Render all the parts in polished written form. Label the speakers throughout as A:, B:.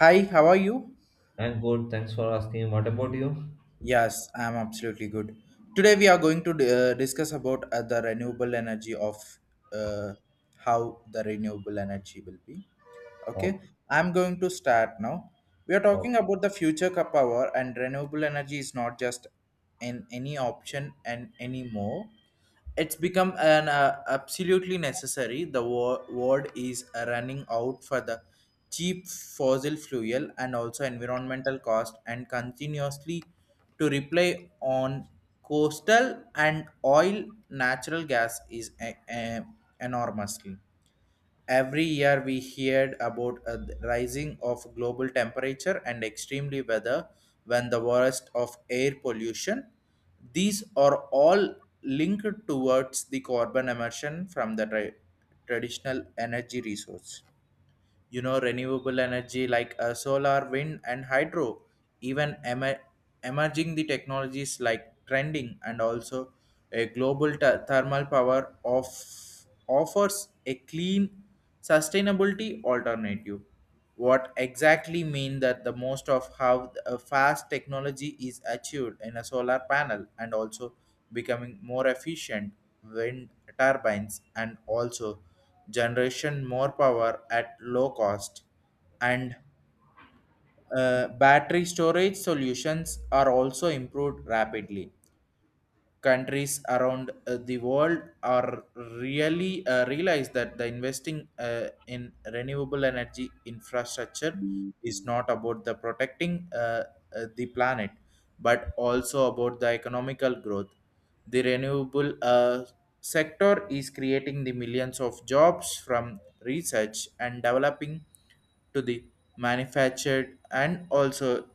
A: Hi, how are you?
B: I'm good. Thanks for asking. What about you?
A: Yes, I am absolutely good. Today we are going to discuss about the renewable energy of uh, how the renewable energy will be. Okay,
B: Oh,
A: I'm going to start now. We are talking
B: okay.
A: about the future of power, and renewable energy is not just in any option and anymore. It's become an absolutely necessary. The world is running out for the cheap fossil fuel and also environmental cost, and continuously to rely on coastal and oil natural gas is enormously. Every year we heard about a rising of global temperature and extremely weather when the worst of air pollution. These are all linked towards the carbon emission from the traditional energy resource. You know renewable energy like solar, wind and hydro, even emerging the technologies like trending and also a global thermal power of offers a clean sustainability alternative. What exactly mean that the most of how a fast technology is achieved in a solar panel, and also becoming more efficient. Wind turbines and also generation more power at low cost, and battery storage solutions are also improved rapidly. Countries around the world are really realize that the investing in renewable energy infrastructure is not about the protecting the planet, but also about the economical growth. The renewable sector is creating the millions of jobs, from research and developing to the manufactured and also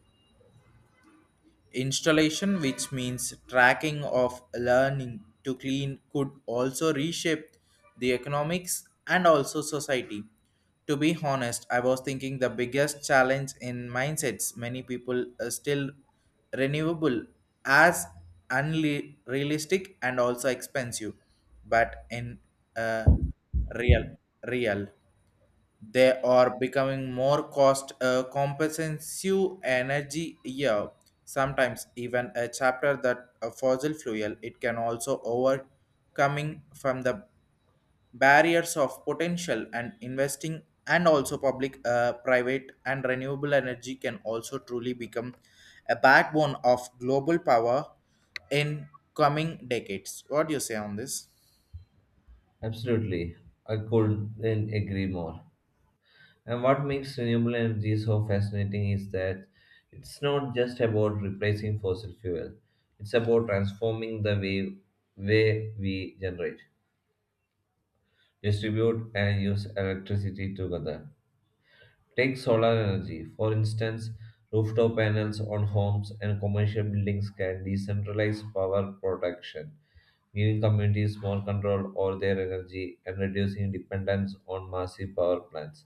A: installation, which means tracking of learning to clean, could also reshape the economics and also society. To be honest, I was thinking the biggest challenge in mindsets, many people are still renewable as unrealistic and also expensive, but in uh, real, real. They are becoming more cost compensive energy. Yeah, sometimes even a chapter that a fossil fuel. It can also overcoming from the barriers of potential and investing and also public private, and renewable energy can also truly become a backbone of global power in coming decades. What do you say on this?
B: Absolutely. I couldn't agree more. And what makes renewable energy so fascinating is that it's not just about replacing fossil fuel. It's about transforming the way we generate, distribute, and use electricity together. Take solar energy. For instance, rooftop panels on homes and commercial buildings can decentralize power production, giving communities more control over their energy and reducing dependence on massive power plants.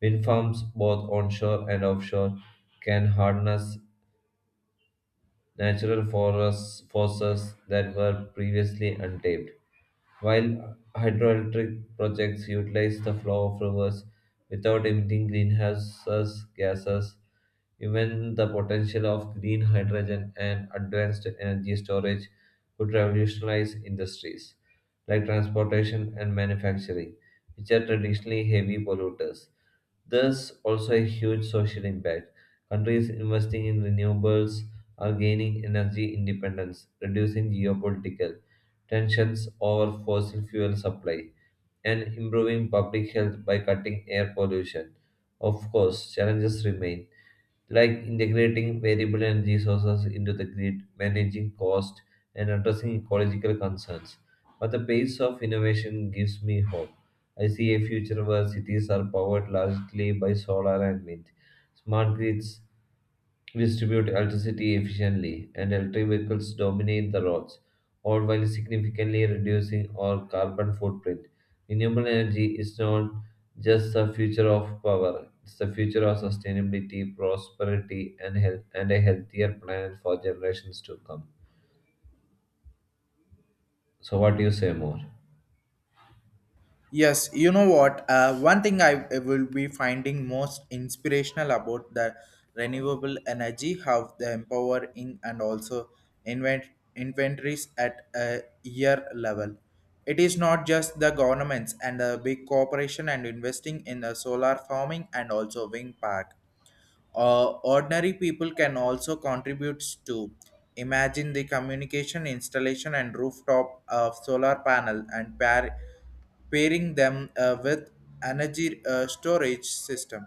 B: Wind farms, both onshore and offshore, can harness natural forests forces that were previously untapped. While hydroelectric projects utilize the flow of rivers without emitting greenhouse gases, even the potential of green hydrogen and advanced energy storage could revolutionize industries like transportation and manufacturing, which are traditionally heavy polluters. There's also a huge social impact. Countries investing in renewables are gaining energy independence, reducing geopolitical tensions over fossil fuel supply, and improving public health by cutting air pollution. Of course, challenges remain, like integrating variable energy sources into the grid, managing cost, and addressing ecological concerns. But the pace of innovation gives me hope. I see a future where cities are powered largely by solar and wind, smart grids distribute electricity efficiently, and electric vehicles dominate the roads, all while significantly reducing our carbon footprint. Renewable energy is not just the future of power, it's the future of sustainability, prosperity, and health, and a healthier planet for generations to come. So, what do you say more?
A: Yes, you know what? One thing I will be finding most inspirational about the renewable energy, how the empowering and also invent inventories at a year level. It is not just the governments and the big corporation and investing in the solar farming and also wind park. Ordinary people can also contribute to imagine the communication installation and rooftop of solar panel and pairing them with energy storage system,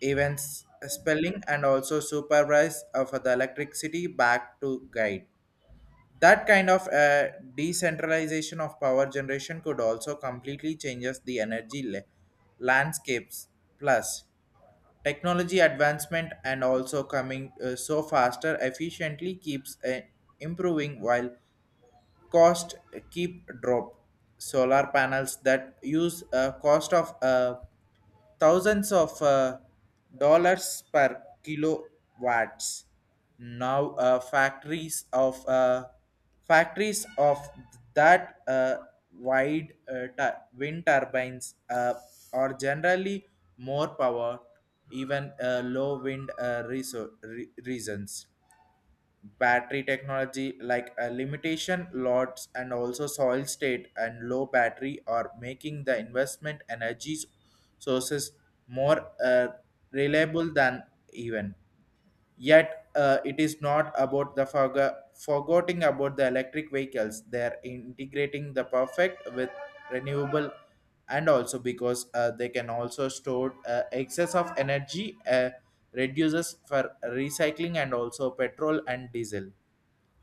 A: events spelling and also supervise of the electricity back to guide. That kind of decentralization of power generation could also completely changes the energy landscapes, plus technology advancement and also coming so faster efficiently keeps improving while cost keep drop. Solar panels that use a cost of thousands of dollars per kilowatts. Now, factories of that wide wind turbines are generally more power, even low wind reasons. Battery technology like a limitation lots and also soil state and low battery are making the investment energy sources more reliable than even yet. It is not about the forgetting about the electric vehicles. They are integrating the perfect with renewable, and also because they can also store excess of energy, reduces for recycling and also petrol and diesel.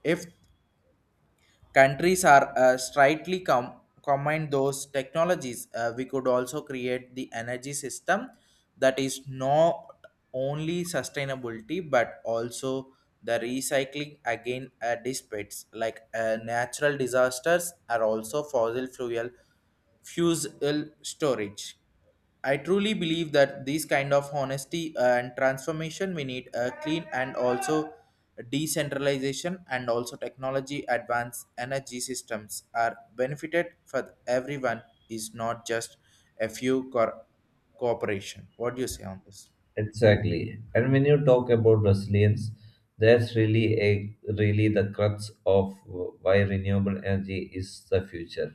A: If countries are strictly combine those technologies, we could also create the energy system that is not only sustainability, but also the recycling again. Dissipates like natural disasters are also fossil fuel storage. I truly believe that this kind of honesty and transformation, we need a clean and also decentralization and also technology advanced energy systems are benefited for everyone. Is not just a few corporations cooperation. What do you say on this?
B: Exactly. And when you talk about Brazilians, that's really the crux of why renewable energy is the future.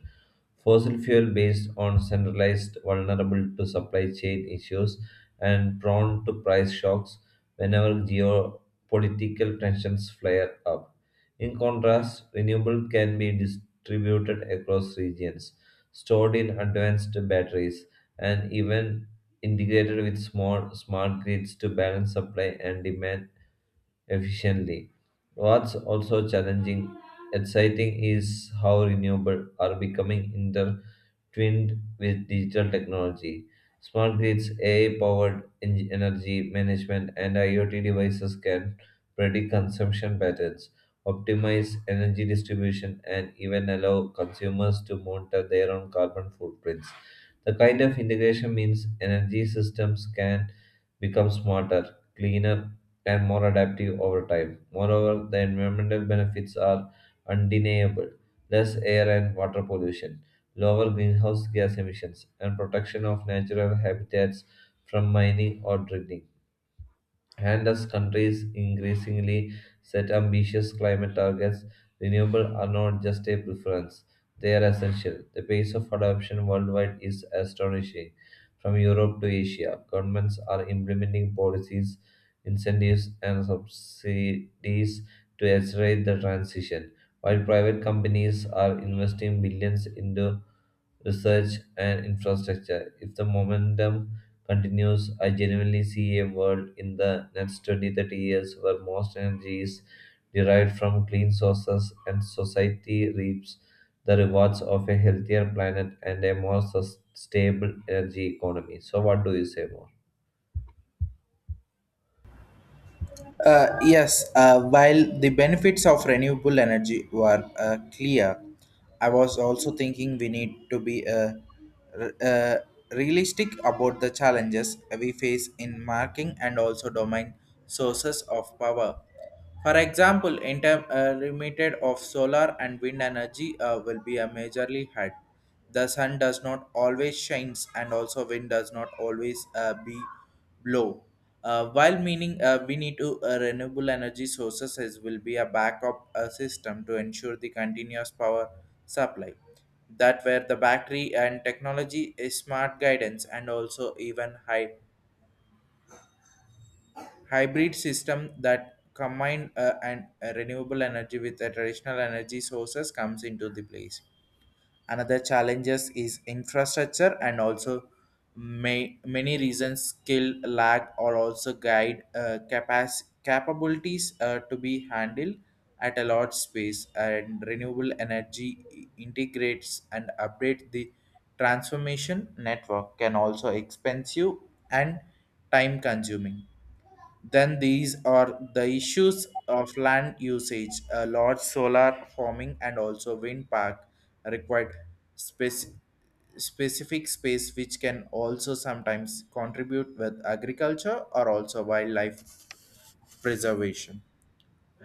B: Fossil fuel based on centralized, vulnerable to supply chain issues and prone to price shocks whenever geopolitical tensions flare up. In contrast, renewable can be distributed across regions stored in advanced batteries, and even integrated with small smart grids to balance supply and demand efficiently. What's also challenging, exciting is how renewable are becoming intertwined with digital technology. Smart grids, AI-powered energy management, and IoT devices can predict consumption patterns, optimize energy distribution, and even allow consumers to monitor their own carbon footprints. The kind of integration means energy systems can become smarter, cleaner, and more adaptive over time. Moreover, the environmental benefits are undeniable less air and water pollution, lower greenhouse gas emissions, and protection of natural habitats from mining or drilling. And as countries increasingly set ambitious climate targets, renewables are not just a preference, they are essential. The pace of adoption worldwide is astonishing. From Europe to Asia, governments are implementing policies, incentives, and subsidies to accelerate the transition, while private companies are investing billions into research and infrastructure. If the momentum continues, I genuinely see a world in the next 20-30 years where most energy is derived from clean sources and society reaps the rewards of a healthier planet and a more sustainable energy economy. So, what do you say more?
A: Yes, while the benefits of renewable energy were clear, I was also thinking we need to be r- uh, realistic about the challenges we face in marking and also domain sources of power. For example, intermittent of solar and wind energy will be a majorly hit. The sun does not always shines, and also wind does not always be blow. While meaning we need to renewable energy sources is, will be a backup system to ensure the continuous power supply. That where the battery and technology is smart guidance and also even high hybrid system that combine and renewable energy with the traditional energy sources comes into the place. Another challenges is infrastructure and also may, many reasons skill lack or also guide capabilities to be handled at a large space, and renewable energy integrates and updates the transformation network can also expensive and time consuming. Then these are the issues of land usage. A large solar farming and also wind park required spec- specific space, which can also sometimes contribute with agriculture or also wildlife preservation.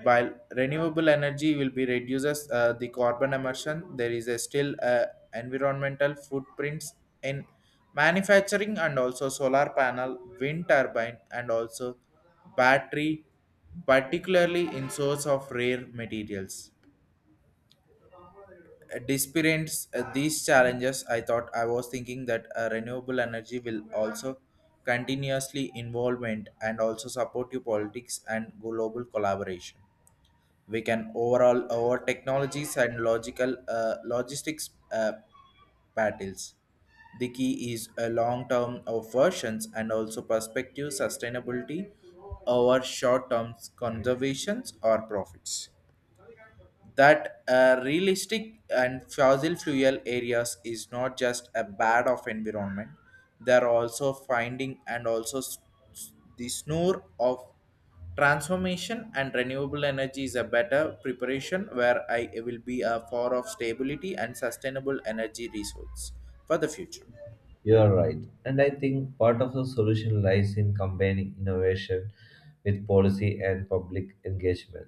A: While renewable energy will be reduces the carbon emission, there is a still environmental footprints in manufacturing and also solar panel, wind turbine, and also battery, particularly in source of rare materials. Despite these challenges, I was thinking that renewable energy will also continuously involvement and also support your politics and global collaboration. We can overall our technologies and logical logistics battles. The key is a long term of versions and also perspective sustainability over short term conservations or profits. That realistic and fossil fuel areas is not just a bad of environment. They are also finding and also s- the snore of transformation, and renewable energy is a better preparation where I will be a for of stability and sustainable energy resource for the future.
B: You are right. And I think part of the solution lies in combining innovation with policy and public engagement.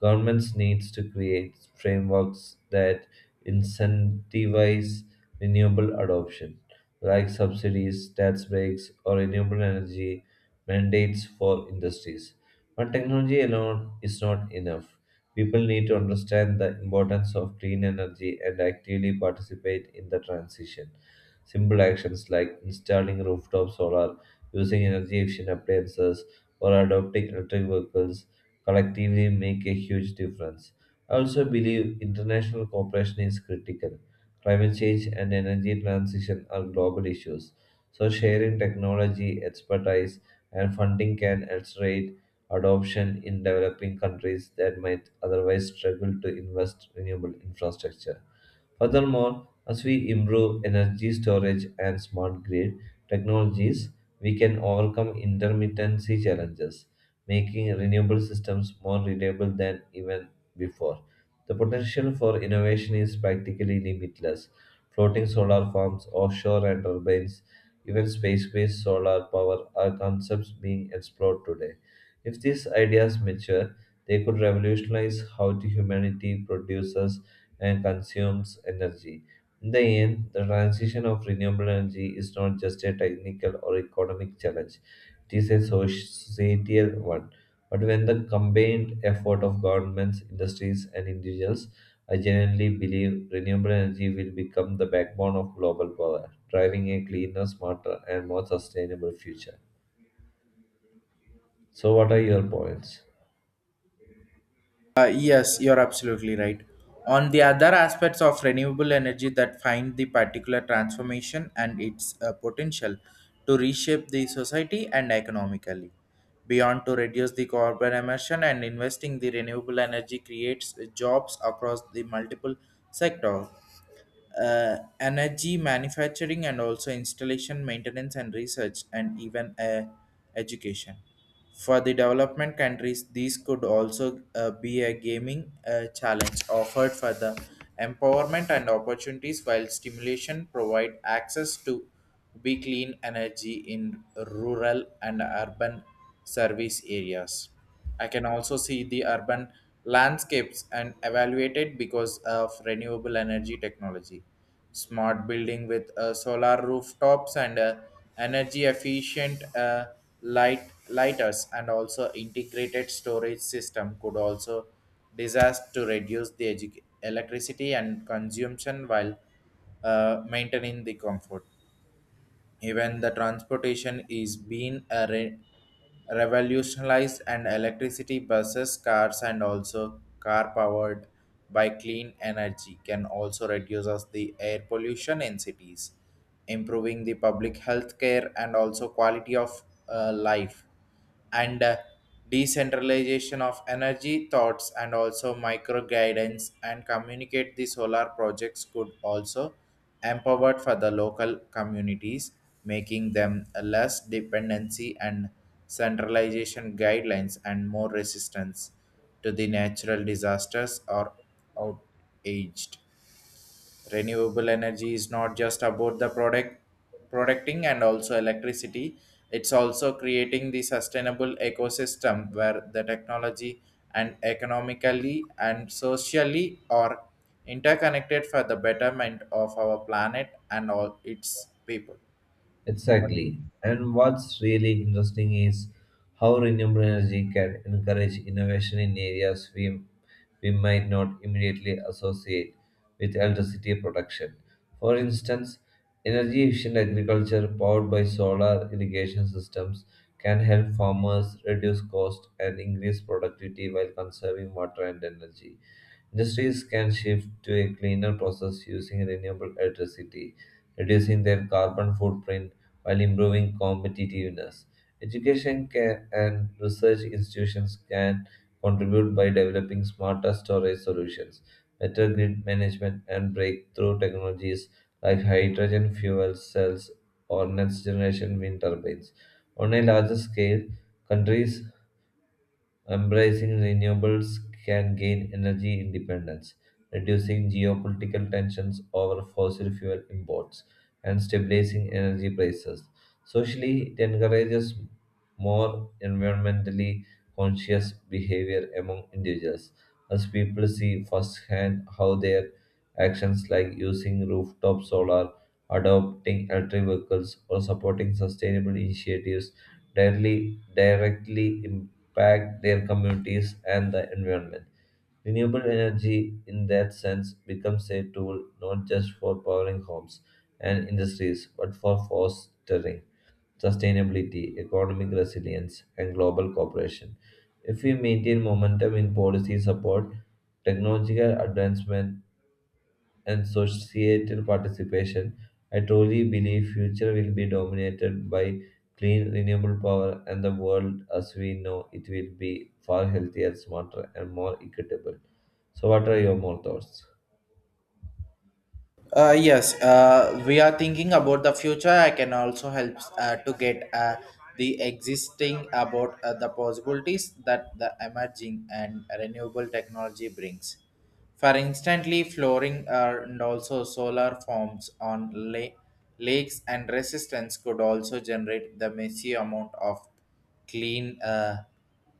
B: Governments needs to create frameworks that incentivize renewable adoption, like subsidies, tax breaks, or renewable energy mandates for industries. But technology alone is not enough. People need to understand the importance of clean energy and actively participate in the transition. Simple actions like installing rooftop solar, using energy efficient appliances, or adopting electric vehicles collectively make a huge difference. I also believe international cooperation is critical. Climate change and energy transition are global issues, so sharing technology, expertise, and funding can accelerate adoption in developing countries that might otherwise struggle to invest renewable infrastructure. Furthermore, as we improve energy storage and smart grid technologies, we can overcome intermittency challenges, making renewable systems more reliable than even before. The potential for innovation is practically limitless. Floating solar farms, offshore and turbines, even space-based solar power are concepts being explored today. If these ideas mature, they could revolutionize how the humanity produces and consumes energy. In the end, the transition of renewable energy is not just a technical or economic challenge, it is a societal one. But when the combined effort of governments, industries, and individuals, I genuinely believe renewable energy will become the backbone of global power, driving a cleaner, smarter, and more sustainable future. So, what are your points?
A: Yes, you're absolutely right. On the other aspects of renewable energy that find the particular transformation and its potential to reshape the society and economically. Beyond to reduce the carbon emission and investing the renewable energy creates jobs across the multiple sectors. Energy manufacturing and also installation maintenance and research and even education for the development countries, these could also be a gaming challenge offered for the empowerment and opportunities, while stimulation provide access to be clean energy in rural and urban service areas. I can also see the urban landscapes and evaluate it because of renewable energy technology. Smart building with solar rooftops and energy efficient light lighters and also integrated storage system could also disaster to reduce the electricity and consumption while maintaining the comfort. Even the transportation is being a revolutionized, and electricity buses, cars and also car powered by clean energy can also reduce us the air pollution in cities, improving the public health care and also quality of life. And decentralization of energy thoughts and also micro guidance and communicate the solar projects could also empowered for the local communities, making them a less dependency and centralization guidelines and more resistance to the natural disasters or outaged. Renewable energy is not just about the producting and also electricity. It's also creating the sustainable ecosystem where the technology and economically and socially are interconnected for the betterment of our planet and all its people.
B: Exactly. And what's really interesting is how renewable energy can encourage innovation in areas we might not immediately associate with electricity production. For instance, energy efficient agriculture powered by solar irrigation systems can help farmers reduce cost and increase productivity while conserving water and energy. Industries can shift to a cleaner process using renewable electricity, reducing their carbon footprint while improving competitiveness. Education can, and research institutions can contribute by developing smarter storage solutions, better grid management, and breakthrough technologies like hydrogen fuel cells or next generation wind turbines. On a larger scale, countries embracing renewables can gain energy independence, reducing geopolitical tensions over fossil fuel imports, and stabilizing energy prices. Socially, it encourages more environmentally conscious behavior among individuals as people see firsthand how their actions like using rooftop solar, adopting electric vehicles, or supporting sustainable initiatives directly impact their communities and the environment. Renewable energy, in that sense, becomes a tool not just for powering homes and industries, but for fostering sustainability, economic resilience, and global cooperation. If we maintain momentum in policy support, technological advancement and societal participation, I truly believe future will be dominated by clean renewable power and the world as we know it will be far healthier, smarter and more equitable. So what are your more thoughts?
A: Yes, we are thinking about the future. I can also help to get the existing about the possibilities that the emerging and renewable technology brings. For instantly flooring and also solar forms on lakes and resistance could also generate the massive amount of clean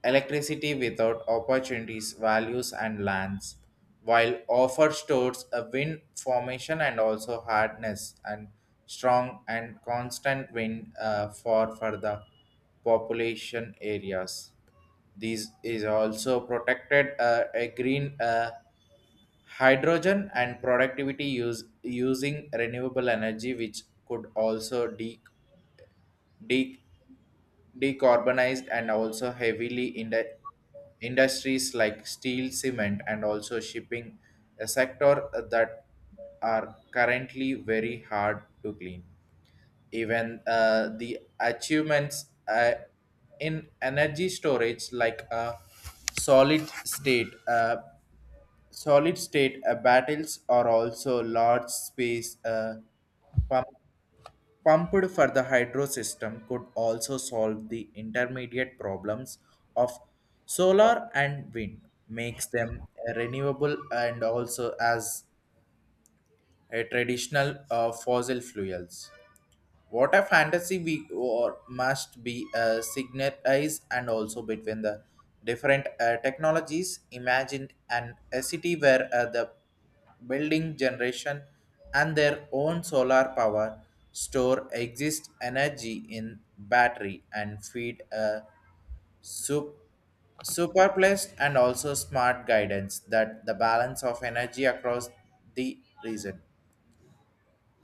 A: electricity without opportunities, values, and lands, while offer stores a wind formation and also hardness and strong and constant wind for the population areas. These is also protected a green hydrogen and productivity use using renewable energy, which could also de- decarbonized and also heavily in the industries like steel cement and also shipping, a sector that are currently very hard to clean. Even the achievements in energy storage like a solid state uh, solid state battles are also large space pump, pumped for the hydro system could also solve the intermediate problems of solar and wind makes them renewable and also as a traditional fossil fuels. What a fantasy we or must be signalized and also between the different technologies, imagined and a city where the building generation and their own solar power store exist energy in battery and feed a sup- superplaced and also smart guidance that the balance of energy across the region.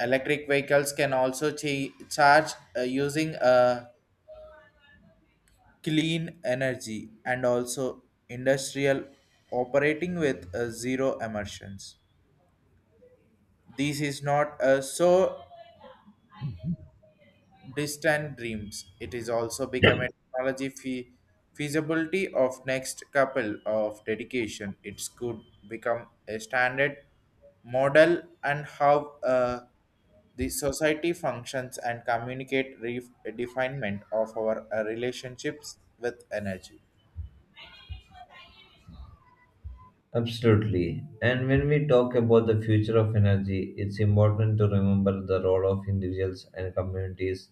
A: Electric vehicles can also charge using clean energy, and also industrial operating with zero emissions. This is not so distant dreams. It is also become a technology feasibility of next couple of dedication. It could become a standard model and how the society functions and communicate refinement of our relationships with energy.
B: Absolutely. And when we talk about the future of energy, it's important to remember the role of individuals and communities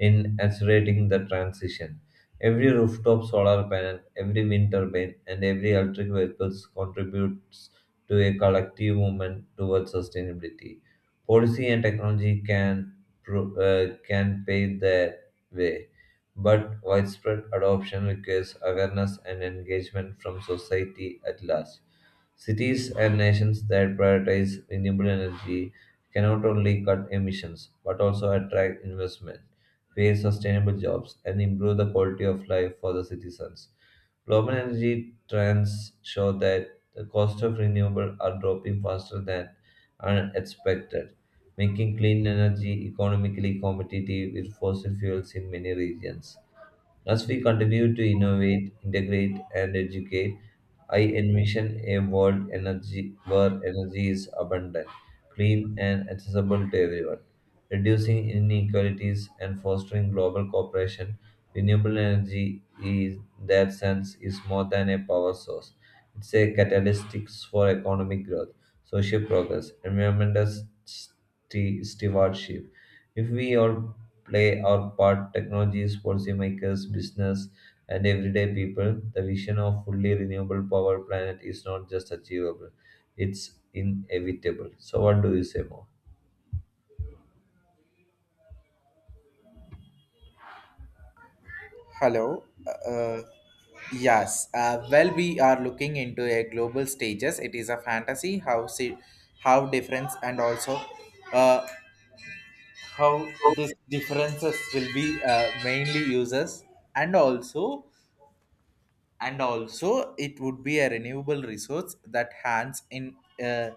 B: in accelerating the transition. Every rooftop solar panel, every wind turbine, and every electric vehicles contributes to a collective movement towards sustainability. Policy and technology can pave the way, but widespread adoption requires awareness and engagement from society at large. Cities and nations that prioritize renewable energy cannot only cut emissions but also attract investment, create sustainable jobs, and improve the quality of life for the citizens. Global energy trends show that the cost of renewable are dropping faster than unexpected, making clean energy economically competitive with fossil fuels in many regions. As we continue to innovate, integrate, and educate, I envision a world energy where energy is abundant, clean, and accessible to everyone, reducing inequalities and fostering global cooperation. Renewable energy, in that sense, is more than a power source. It's a catalyst for economic growth, social progress, environmental stewardship, if we all play our part, technologies, policymakers, business, and everyday people, the vision of fully renewable power planet is not just achievable, it's inevitable. So what do you say more?
A: Hello. Yes. Well, we are looking into a global stages. It is a fantasy how see how difference and also uh, how these differences will be mainly uses and also and also it would be a renewable resource that hands uh,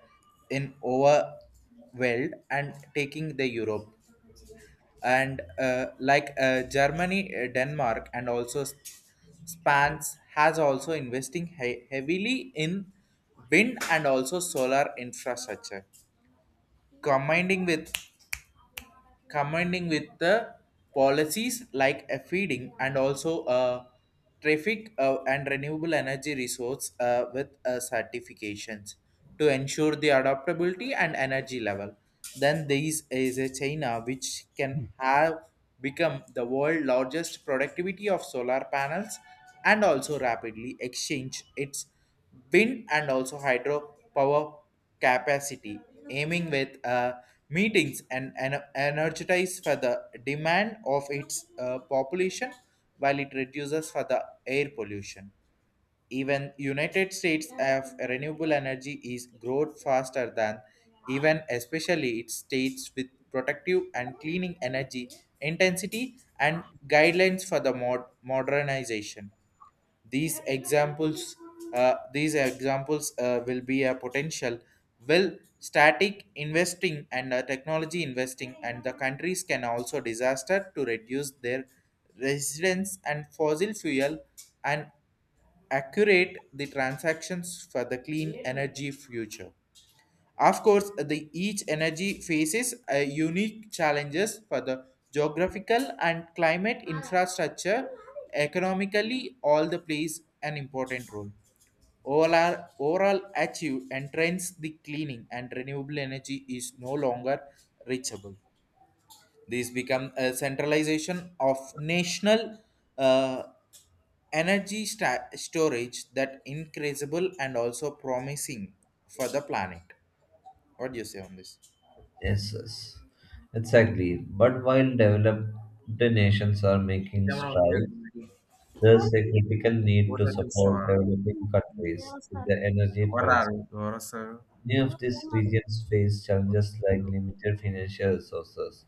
A: in overwhelmed and taking the europe and like germany denmark and also spans has also investing heavily in wind and also solar infrastructure combining with commanding with the policies like a feeding and also a traffic and renewable energy resource with certifications to ensure the adaptability and energy level. Then this is a China which can have become the world largest productivity of solar panels and also rapidly exchange its wind and also hydro power capacity, aiming with meetings and energize for the demand of its population while it reduces for the air pollution. Even United States have renewable energy is growth faster than even especially its states with protective and cleaning energy intensity and guidelines for the modernization. These examples, these examples will be a potential will static investing and technology investing and the countries can also disaster to reduce their residence and fossil fuel and accurate the transactions for the clean energy future. Of course, the each energy faces unique challenges for the geographical and climate infrastructure. Economically, all the plays an important role. Overall achieve entrance the cleaning and renewable energy is no longer reachable. These become a centralization of national uh, energy storage that increasable and also promising for the planet. What do you say on this?
B: Yes, yes. Exactly. But while developed nations are making
A: camera ఉంది కదా
B: strides,
A: మనకి
B: there's
A: phone
B: a critical need to
A: ఊర్లో చూస్తున్నావా
B: support developing countries in
A: వస్తారు
B: the energy
A: ఎవరు రారు
B: transition.
A: ఎవరు వస్తారు
B: Many
A: ఇంకా
B: of
A: phone
B: these regions face challenges like
A: వస్తారు?
B: limited financial resources,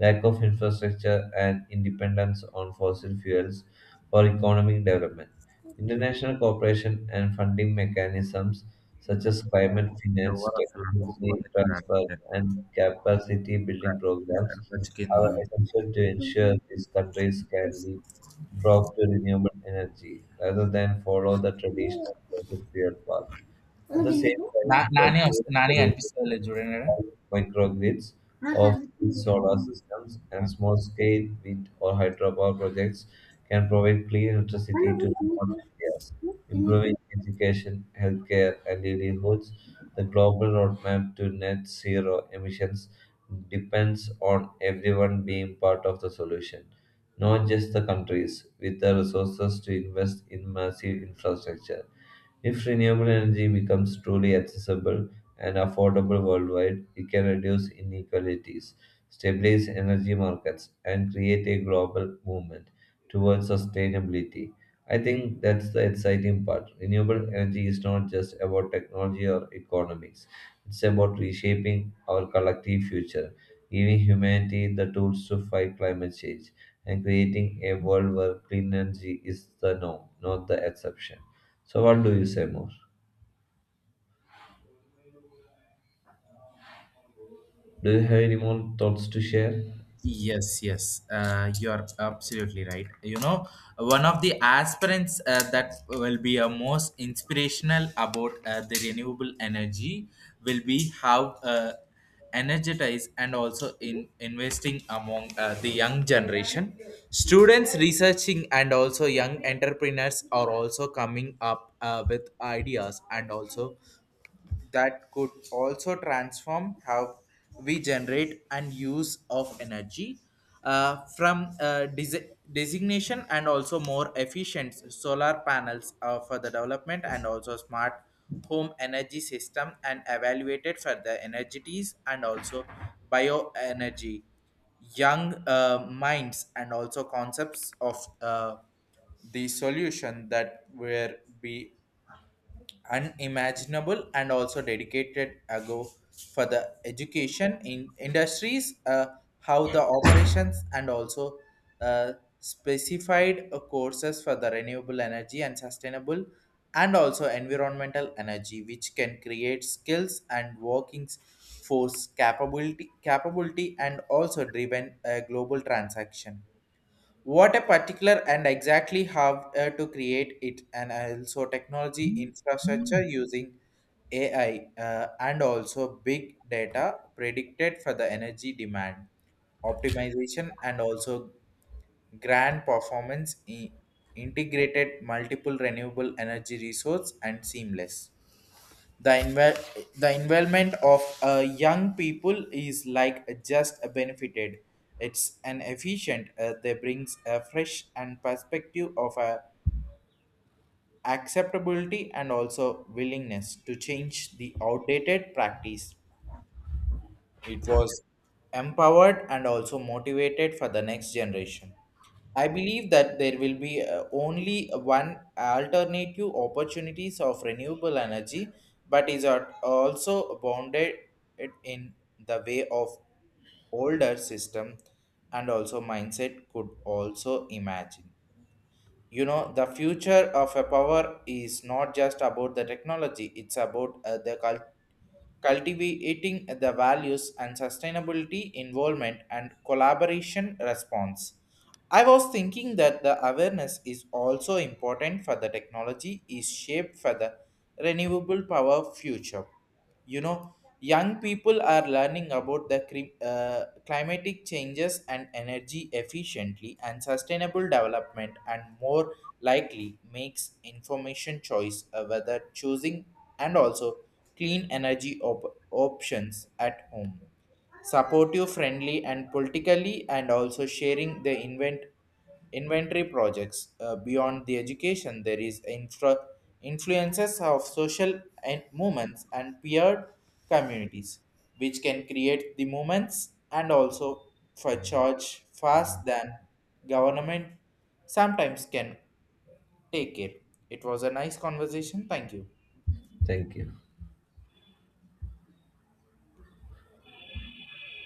B: lack of infrastructure, and independence on fossil fuels for economic development. International cooperation and funding mechanisms such as climate finance,
A: ఎవరు అసలు cook
B: technology
A: ఉంది కదా
B: transfer,
A: అంటే
B: and capacity
A: కుక్క
B: building programs
A: కుక్క chicken
B: are essential to ensure these countries can leap frog to renewable energy rather than follow the traditional fossil fuel path. At the same
A: bill
B: time,
A: Nani వస్తా
B: documents
A: Nani
B: produces
A: అనిపిస్తుంది లేదు చూడండి
B: small microgrids
A: నాకు
B: of
A: అనిపిస్తుంది
B: solar systems and
A: ఆడ.
B: small scale wind or hydropower projects can provide clean
A: అన్న,
B: electricity to
A: నువ్వు తిని పో.
B: remote areas,
A: నువ్వు తిని పో.
B: improving education, healthcare, and livelihoods. The global roadmap to net zero emissions depends on everyone being part of the solution, not just the countries with the resources to invest in massive infrastructure. If renewable energy becomes truly accessible and affordable worldwide, it can reduce inequalities, stabilize energy markets, and create a global movement towards sustainability. I think that's the exciting part. Renewable energy is not just about technology or economics, it's about reshaping our collective future giving humanity the tools to fight climate change and creating a world where clean energy is the norm, not the exception. So, what do you say more? Do you have any more thoughts to share?
A: Yes, yes, you're absolutely right. You know, one of the aspirants that will be a most inspirational about the renewable energy will be how energized and also in investing among the young generation. Students researching and also young entrepreneurs are also coming up with ideas and also that could also transform how we generate and use of energy from designation and also more efficient solar panels for the development and also smart home energy system and evaluated for the energies and also bioenergy young minds and also concepts of the solution that will be unimaginable and also dedicated ago for the education in industries, how the operations and also uh, specified courses for the renewable energy and sustainable and also environmental energy which can create skills and workings force capability and also driven a global transaction. What a particular and exactly how to create it and also technology infrastructure using ai and also big data predicted for the energy demand optimization and also grand performance integrated multiple renewable energy resource and seamless the involvement of young people is like just benefited. It's an efficient. They brings a fresh and perspective of a acceptability and also willingness to change the outdated practice. It was empowered and also motivated for the next generation. I believe that there will be only one alternative opportunities of renewable energy, but is also bounded it in the way of older system and also mindset could also imagine. You know, the future of a power is not just about the technology. It's about cultivating the values and sustainability involvement and collaboration response. I was thinking that the awareness is also important for the technology is shaped for the renewable power future. You know, young people are learning about the climatic changes and energy efficiently and sustainable development and more likely makes information choice of whether choosing and also clean energy options at home, supportive, friendly, and politically, and also sharing the inventory projects beyond the education. There is infra influences of social and movements and peer communities, which can create the movements and also for charge fast than government sometimes can take it. It was a nice conversation. Thank you.
B: Thank you.